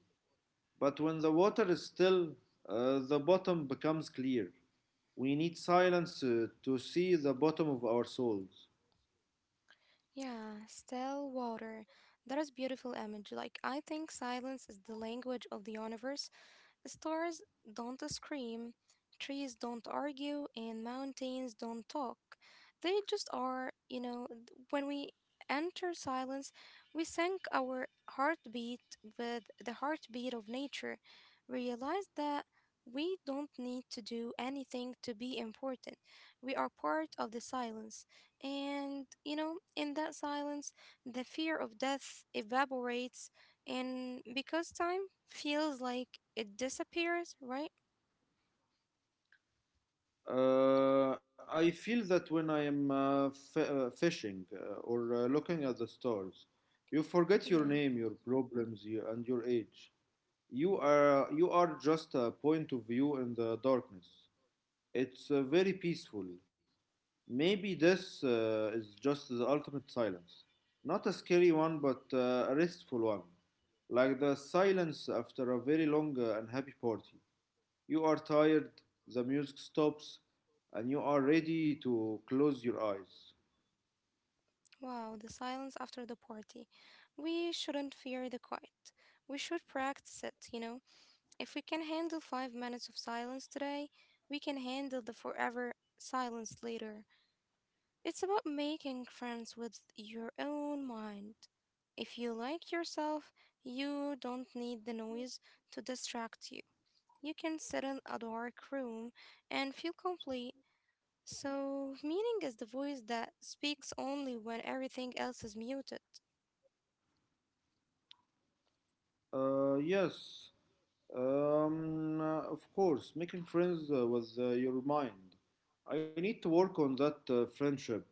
Speaker 2: But when the water is still, the bottom becomes clear. We need silence to see the bottom of our souls.
Speaker 1: yeah, still water. That is beautiful image. Like I think silence is the language of the universe. Stars don't scream, trees don't argue, and mountains don't talk. They just are, you know, when we enter silence, we sync our heartbeat with the heartbeat of nature. Realize that we don't need to do anything to be important. We are part of the silence. And, you know, in that silence, the fear of death evaporates and because time feels like it disappears, right?
Speaker 2: I feel that when I am fishing or looking at the stars, you forget your
Speaker 1: Yeah.
Speaker 2: name, your problems, you, and your age. You are just a point of view in the darkness. It's very peaceful. Maybe this is just the ultimate silence, not a scary one, but a restful one, like the silence after a very long and happy party. You are tired, the music stops, and you are ready to close your eyes.
Speaker 1: Wow, the silence after the party. We shouldn't fear the quiet. We should practice it, you know? If we can handle 5 minutes of silence today, we can handle the forever silence later. It's about making friends with your own mind. If you like yourself, you don't need the noise to distract you. You can sit in a dark room and feel complete. So, meaning is the voice that speaks only when everything else is muted.
Speaker 2: Yes, of course, making friends with your mind. I need to work on that friendship.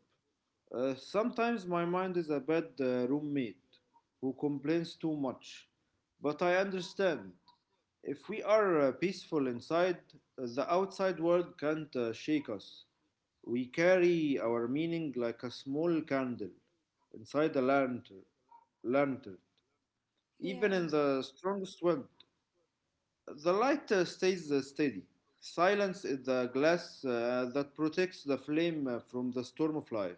Speaker 2: Sometimes my mind is a bad roommate who complains too much, but I understand. If we are peaceful inside, the outside world can't shake us. We carry our meaning like a small candle inside a lantern. Even
Speaker 1: Yeah,
Speaker 2: in the strongest wind, the light stays steady. Silence is the glass that protects the flame from the storm of life.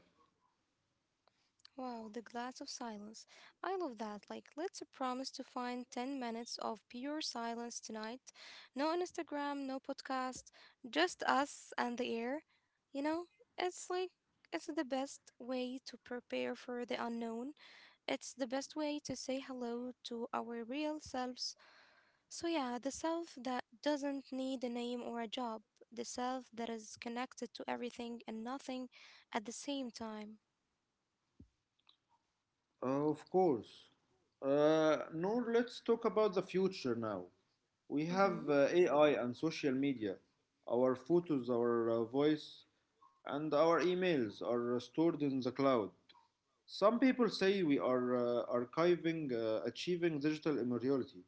Speaker 1: wow, the glass of silence. I love that. Like, let's promise to find 10 minutes of pure silence tonight. No Instagram, no podcast, just us and the air. You know, it's like, it's the best way to prepare for the unknown. It's the best way to say hello to our real selves. So, yeah, the self that doesn't need a name or a job, the self that is connected to everything and nothing at the same time.
Speaker 2: Of course. Noor, let's talk about the future now. We
Speaker 1: Mm-hmm.
Speaker 2: have AI and social media. Our photos, our voice, and our emails are stored in the cloud. Some people say we are achieving digital immortality.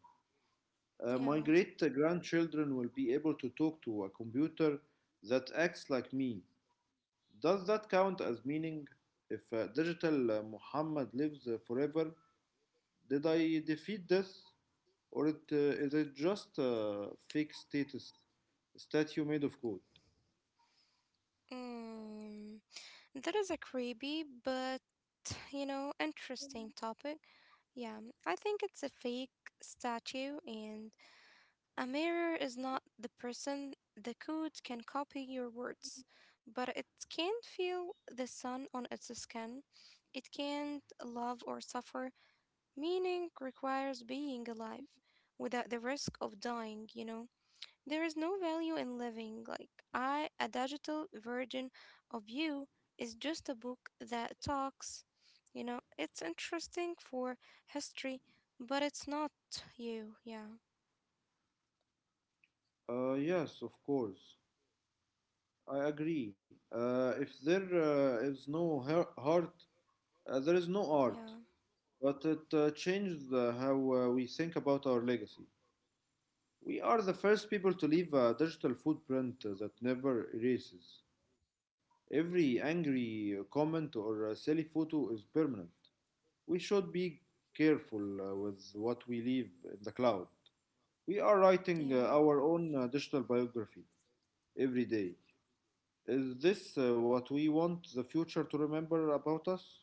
Speaker 2: My
Speaker 1: Yeah.
Speaker 2: great grandchildren will be able to talk to a computer that acts like me. Does that count as meaning? If digital Muhammad lives forever, did I defeat this, or is it just a fake status statue made of code?
Speaker 1: Mm. That is a creepy, but you know, interesting topic. Yeah, I think it's a fake statue, and a mirror is not the person. The code can copy your words, but it can't feel the sun on its skin. It can't love or suffer. Meaning requires being alive without the risk of dying, you know? There is no value in living. Like, a digital version of you, is just a book that talks. You know, it's interesting for history, but it's not you. Yeah,
Speaker 2: Yes, of course. I agree. If there is no heart, there is no
Speaker 1: yeah,
Speaker 2: art. But it changed how we think about our legacy. We are the first people to leave a digital footprint that never erases. Every angry comment or silly photo is permanent. We should be careful with what we leave in the cloud. We are writing
Speaker 1: yeah.
Speaker 2: our own digital biography every day. Is this what we want the future to remember about us?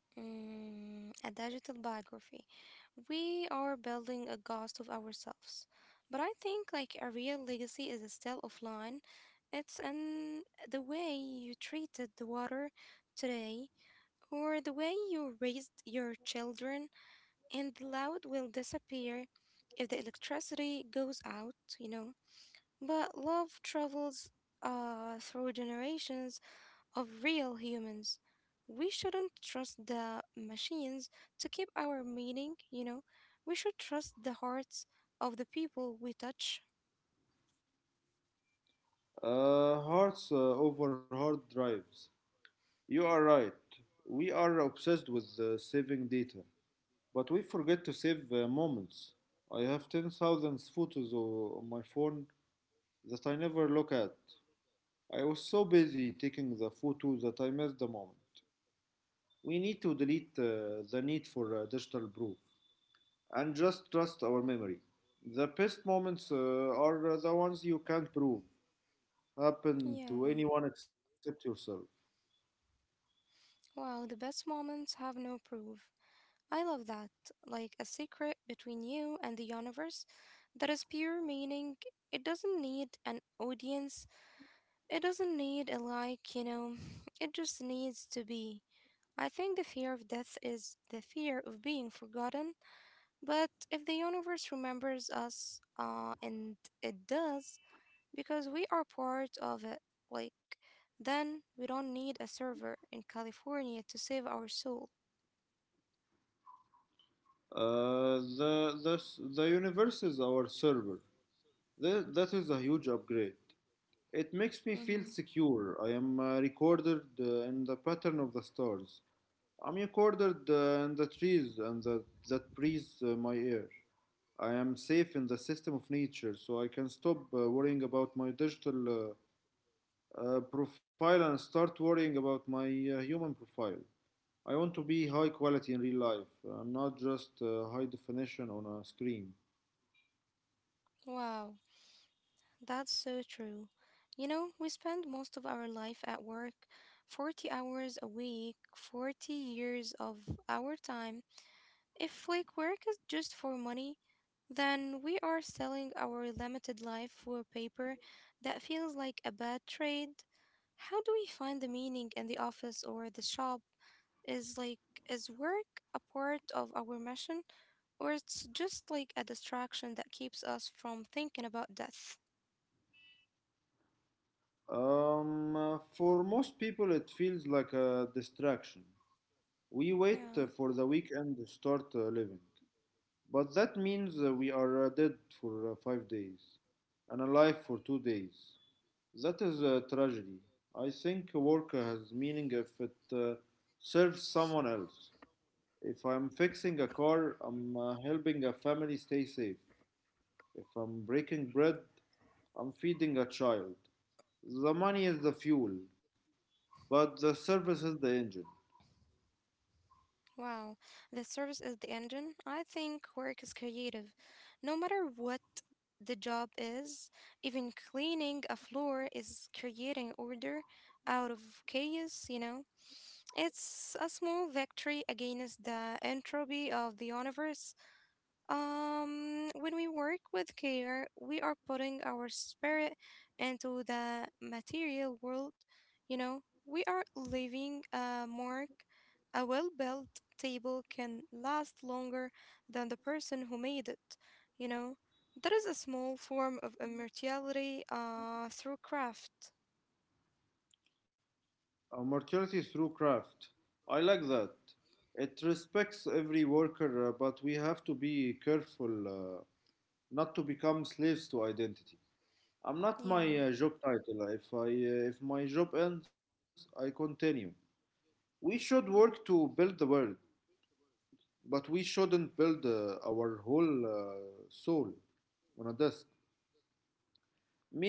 Speaker 1: Mm, a digital biography. We are building a ghost of ourselves. But I think like a real legacy is still offline. It's in the way you treated the water today or the way you raised your children, and the loud will disappear if the electricity goes out, you know. But love travels through generations of real humans. We shouldn't trust the machines to keep our meaning, you know. We should trust the hearts of the people we touch.
Speaker 2: Hearts over hard drives. You are right. We are obsessed with saving data, but we forget to save moments. I have 10,000 photos on my phone that I never look at. I was so busy taking the photos that I missed the moment. We need to delete the need for digital proof and just trust our memory. The best moments are the ones you can't prove happen
Speaker 1: Yeah.
Speaker 2: to anyone except yourself.
Speaker 1: Wow, the best moments have no proof. I love that. Like a secret between you and the universe that is pure meaning. It doesn't need an audience, it doesn't need a like, you know. It just needs to be. I think the fear of death is the fear of being forgotten. But if the universe remembers us, and it does, because we are part of it, like, then we don't need a server in California to save our soul.
Speaker 2: The, s- the universe is our server. Th- that is a huge upgrade. It makes me feel
Speaker 1: Hmm.
Speaker 2: secure. I am recorded in the pattern of the stars. I'm recorded in the trees and the, that breeze my ear. I am safe in the system of nature, so I can stop worrying about my digital profile and start worrying about my human profile. I want to be high quality in real life, not just high definition on a screen.
Speaker 1: Wow. That's so true. You know, we spend most of our life at work, 40 hours a week, 40 years of our time. If like work is just for money, then we are selling our limited life for paper that feels like a bad trade. How do we find the meaning in the office or the shop? Is like is work a part of our mission or it's just like a distraction that keeps us from thinking about death?
Speaker 2: For most people, it feels like a distraction. We wait
Speaker 1: Yeah.
Speaker 2: for the weekend to start living, but that means we are dead for five days and alive for two days. That is a tragedy. I think work has meaning if it serves someone else. If I'm fixing a car, I'm helping a family stay safe. If I'm breaking bread, I'm feeding a child. The money is the fuel, but the service is the engine.
Speaker 1: Wow, the service is the engine. I think work is creative. No matter what the job is, even cleaning a floor is creating order out of chaos, you know? It's a small victory against the entropy of the universe. When we work with care, we are putting our spirit into the material world. You know, we are leaving a mark. A well built table can last longer than the person who made it. You know, that is a small form of immortality through craft.
Speaker 2: Immortality through craft. I like that. It respects every worker, but we have to be careful uh, not to become slaves to identity. I'm not my
Speaker 1: Yeah,
Speaker 2: job title. If my job ends, I continue. We should work to build the world, but we shouldn't build our whole soul on a desk.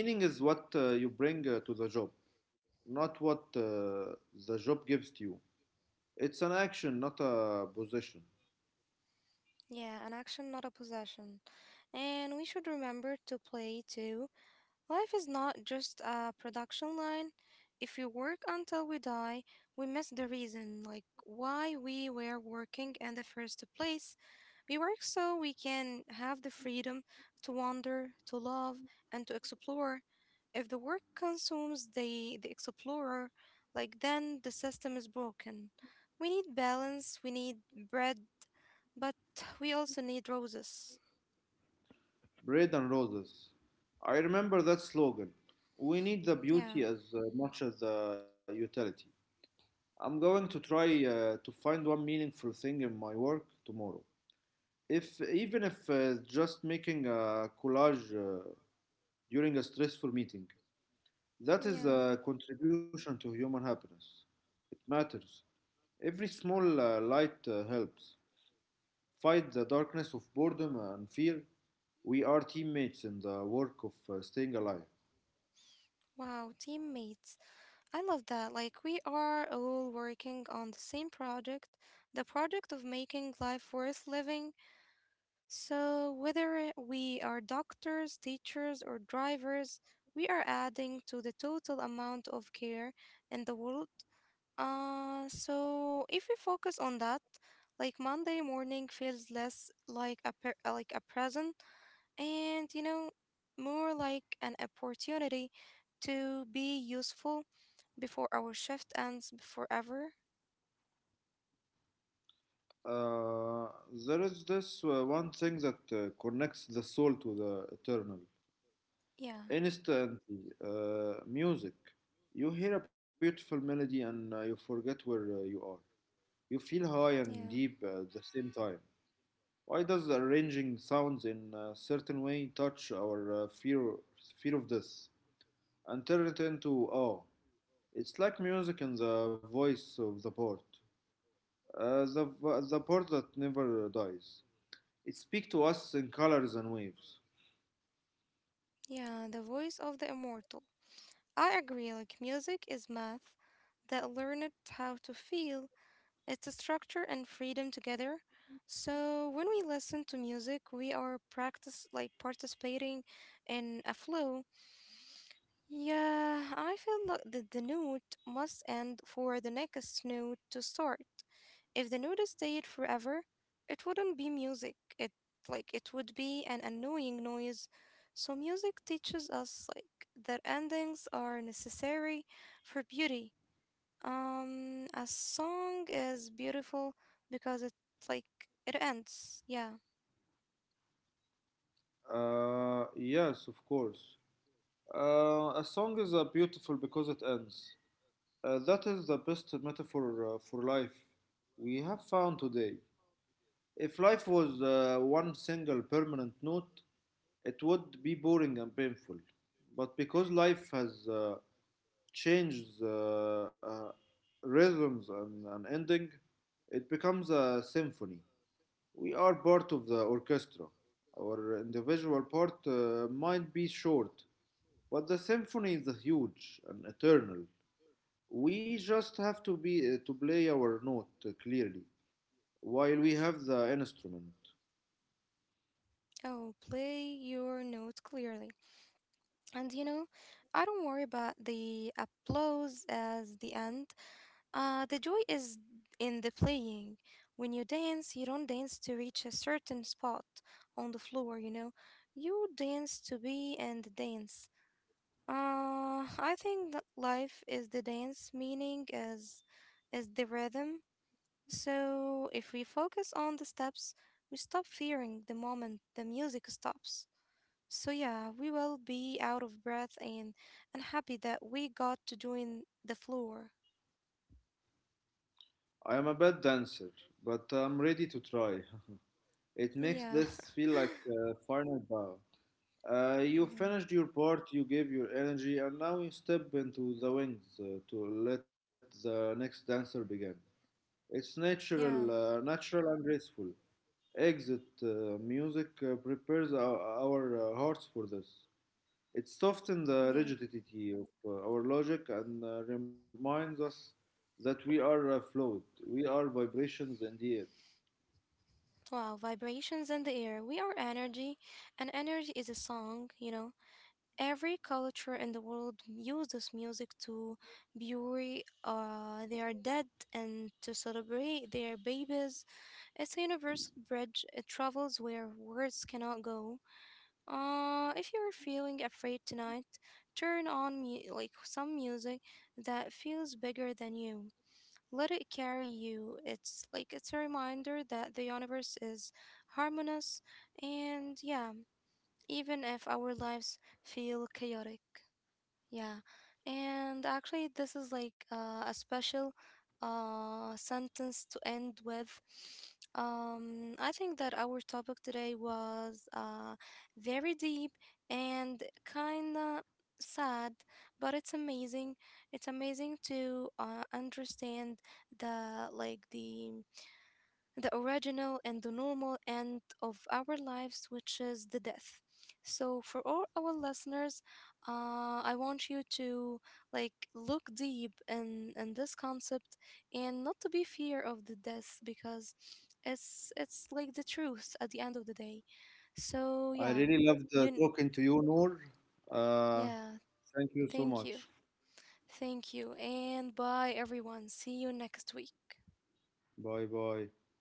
Speaker 2: Meaning is what you bring to the job, not what the job gives to you. It's an action, not a position.
Speaker 1: yeah, an action, not a possession. And we should remember to play too. Life is not just a production line. If we work until we die, we miss the reason, like why we were working in the first place. We work so we can have the freedom to wander, to love, and to explore. If the work consumes the explorer, like then the system is broken. We need balance, we need bread, but we also need roses.
Speaker 2: Bread and roses. I remember that slogan. We need the beauty
Speaker 1: Yeah,
Speaker 2: as much as the utility. I'm going to try to find one meaningful thing in my work tomorrow. If even if just making a collage during a stressful meeting, that is
Speaker 1: yeah.
Speaker 2: a contribution to human happiness. It matters. Every small light helps. Fight the darkness of boredom and fear. We are teammates in the work of staying alive.
Speaker 1: Wow, teammates. I love that. Like, we are all working on the same project, the project of making life worth living. So, whether we are doctors, teachers, or drivers, we are adding to the total amount of care in the world. So, if we focus on that, like Monday morning feels less like a like a present, and you know, more like an opportunity to be useful before our shift ends forever.
Speaker 2: Uh, there is this one thing that connects the soul to the eternal.
Speaker 1: Yeah,
Speaker 2: Instantly, music. You hear a beautiful melody and you forget where you are. You feel high
Speaker 1: yeah,
Speaker 2: and deep at the same time. Why does arranging sounds in a certain way touch our fear of death and turn it into awe? It's like music in the voice of the port, uh, the the port that never dies. It speaks to us in colors and waves.
Speaker 1: yeah, the voice of the immortal. I agree, like music is math that learned how to feel. It's a structure and freedom together. So when we listen to music, we are practice like participating in a flow. Yeah, I feel like that the note must end for the next note to start. If the note stayed forever, it wouldn't be music. It like it would be an annoying noise. So music teaches us like that endings are necessary for beauty. A song is beautiful because it like it ends. Yeah.
Speaker 2: Yes, of course. A song is beautiful because it ends. That is the best metaphor for life we have found today. If life was one single permanent note, it would be boring and painful. But because life has changed the rhythms and ending, it becomes a symphony. We are part of the orchestra. Our individual part might be short, but the symphony is huge and eternal. We just have to be to play our note clearly while we have the instrument.
Speaker 1: Oh, play your note clearly. And you know, I don't worry about the applause as the end. The joy is in the playing. When you dance, you don't dance to reach a certain spot on the floor, you know. You dance to be in the dance. I think that life is the dance, meaning is the rhythm. So if we focus on the steps, we stop fearing the moment the music stops. So yeah, we will be out of breath and unhappy that we got to doing the floor.
Speaker 2: I am a bad dancer, but I'm ready to try. It makes
Speaker 1: Yeah.
Speaker 2: this feel like a final bow. You
Speaker 1: Mhm.
Speaker 2: finished your part, you gave your energy, and now you step into the wings to let the next dancer begin. It's natural,
Speaker 1: Yeah.
Speaker 2: natural and graceful. Exit music prepares our hearts for this. It softens the
Speaker 1: Yeah.
Speaker 2: rigidity of our logic and reminds us that we are we are vibrations in the air.
Speaker 1: Wow, vibrations in the air. We are energy, and energy is a song, you know. Every culture in the world uses music to bury their dead and to celebrate their babies. It's a universal bridge. It travels where words cannot go. If you're feeling afraid tonight, turn on like some music that feels bigger than you. Let it carry you. It's like it's a reminder that the universe is harmonious and yeah, even if our lives feel chaotic. Yeah, and actually, this is like a special sentence to end with. I think that our topic today was very deep and kinda sad, but it's amazing. It's amazing to understand the like the the original and the normal end of our lives, which is the death. So, for all our listeners, I want you to like look deep in this concept and not to be fear of the death because it's like the truth at the end of the day. So yeah,
Speaker 2: I really
Speaker 1: you
Speaker 2: loved
Speaker 1: n-
Speaker 2: talking to you, Noor.
Speaker 1: yeah,
Speaker 2: Uh, thank
Speaker 1: thank
Speaker 2: you
Speaker 1: you,
Speaker 2: so much.
Speaker 1: thank you, and bye everyone. See you next week.
Speaker 2: Bye bye.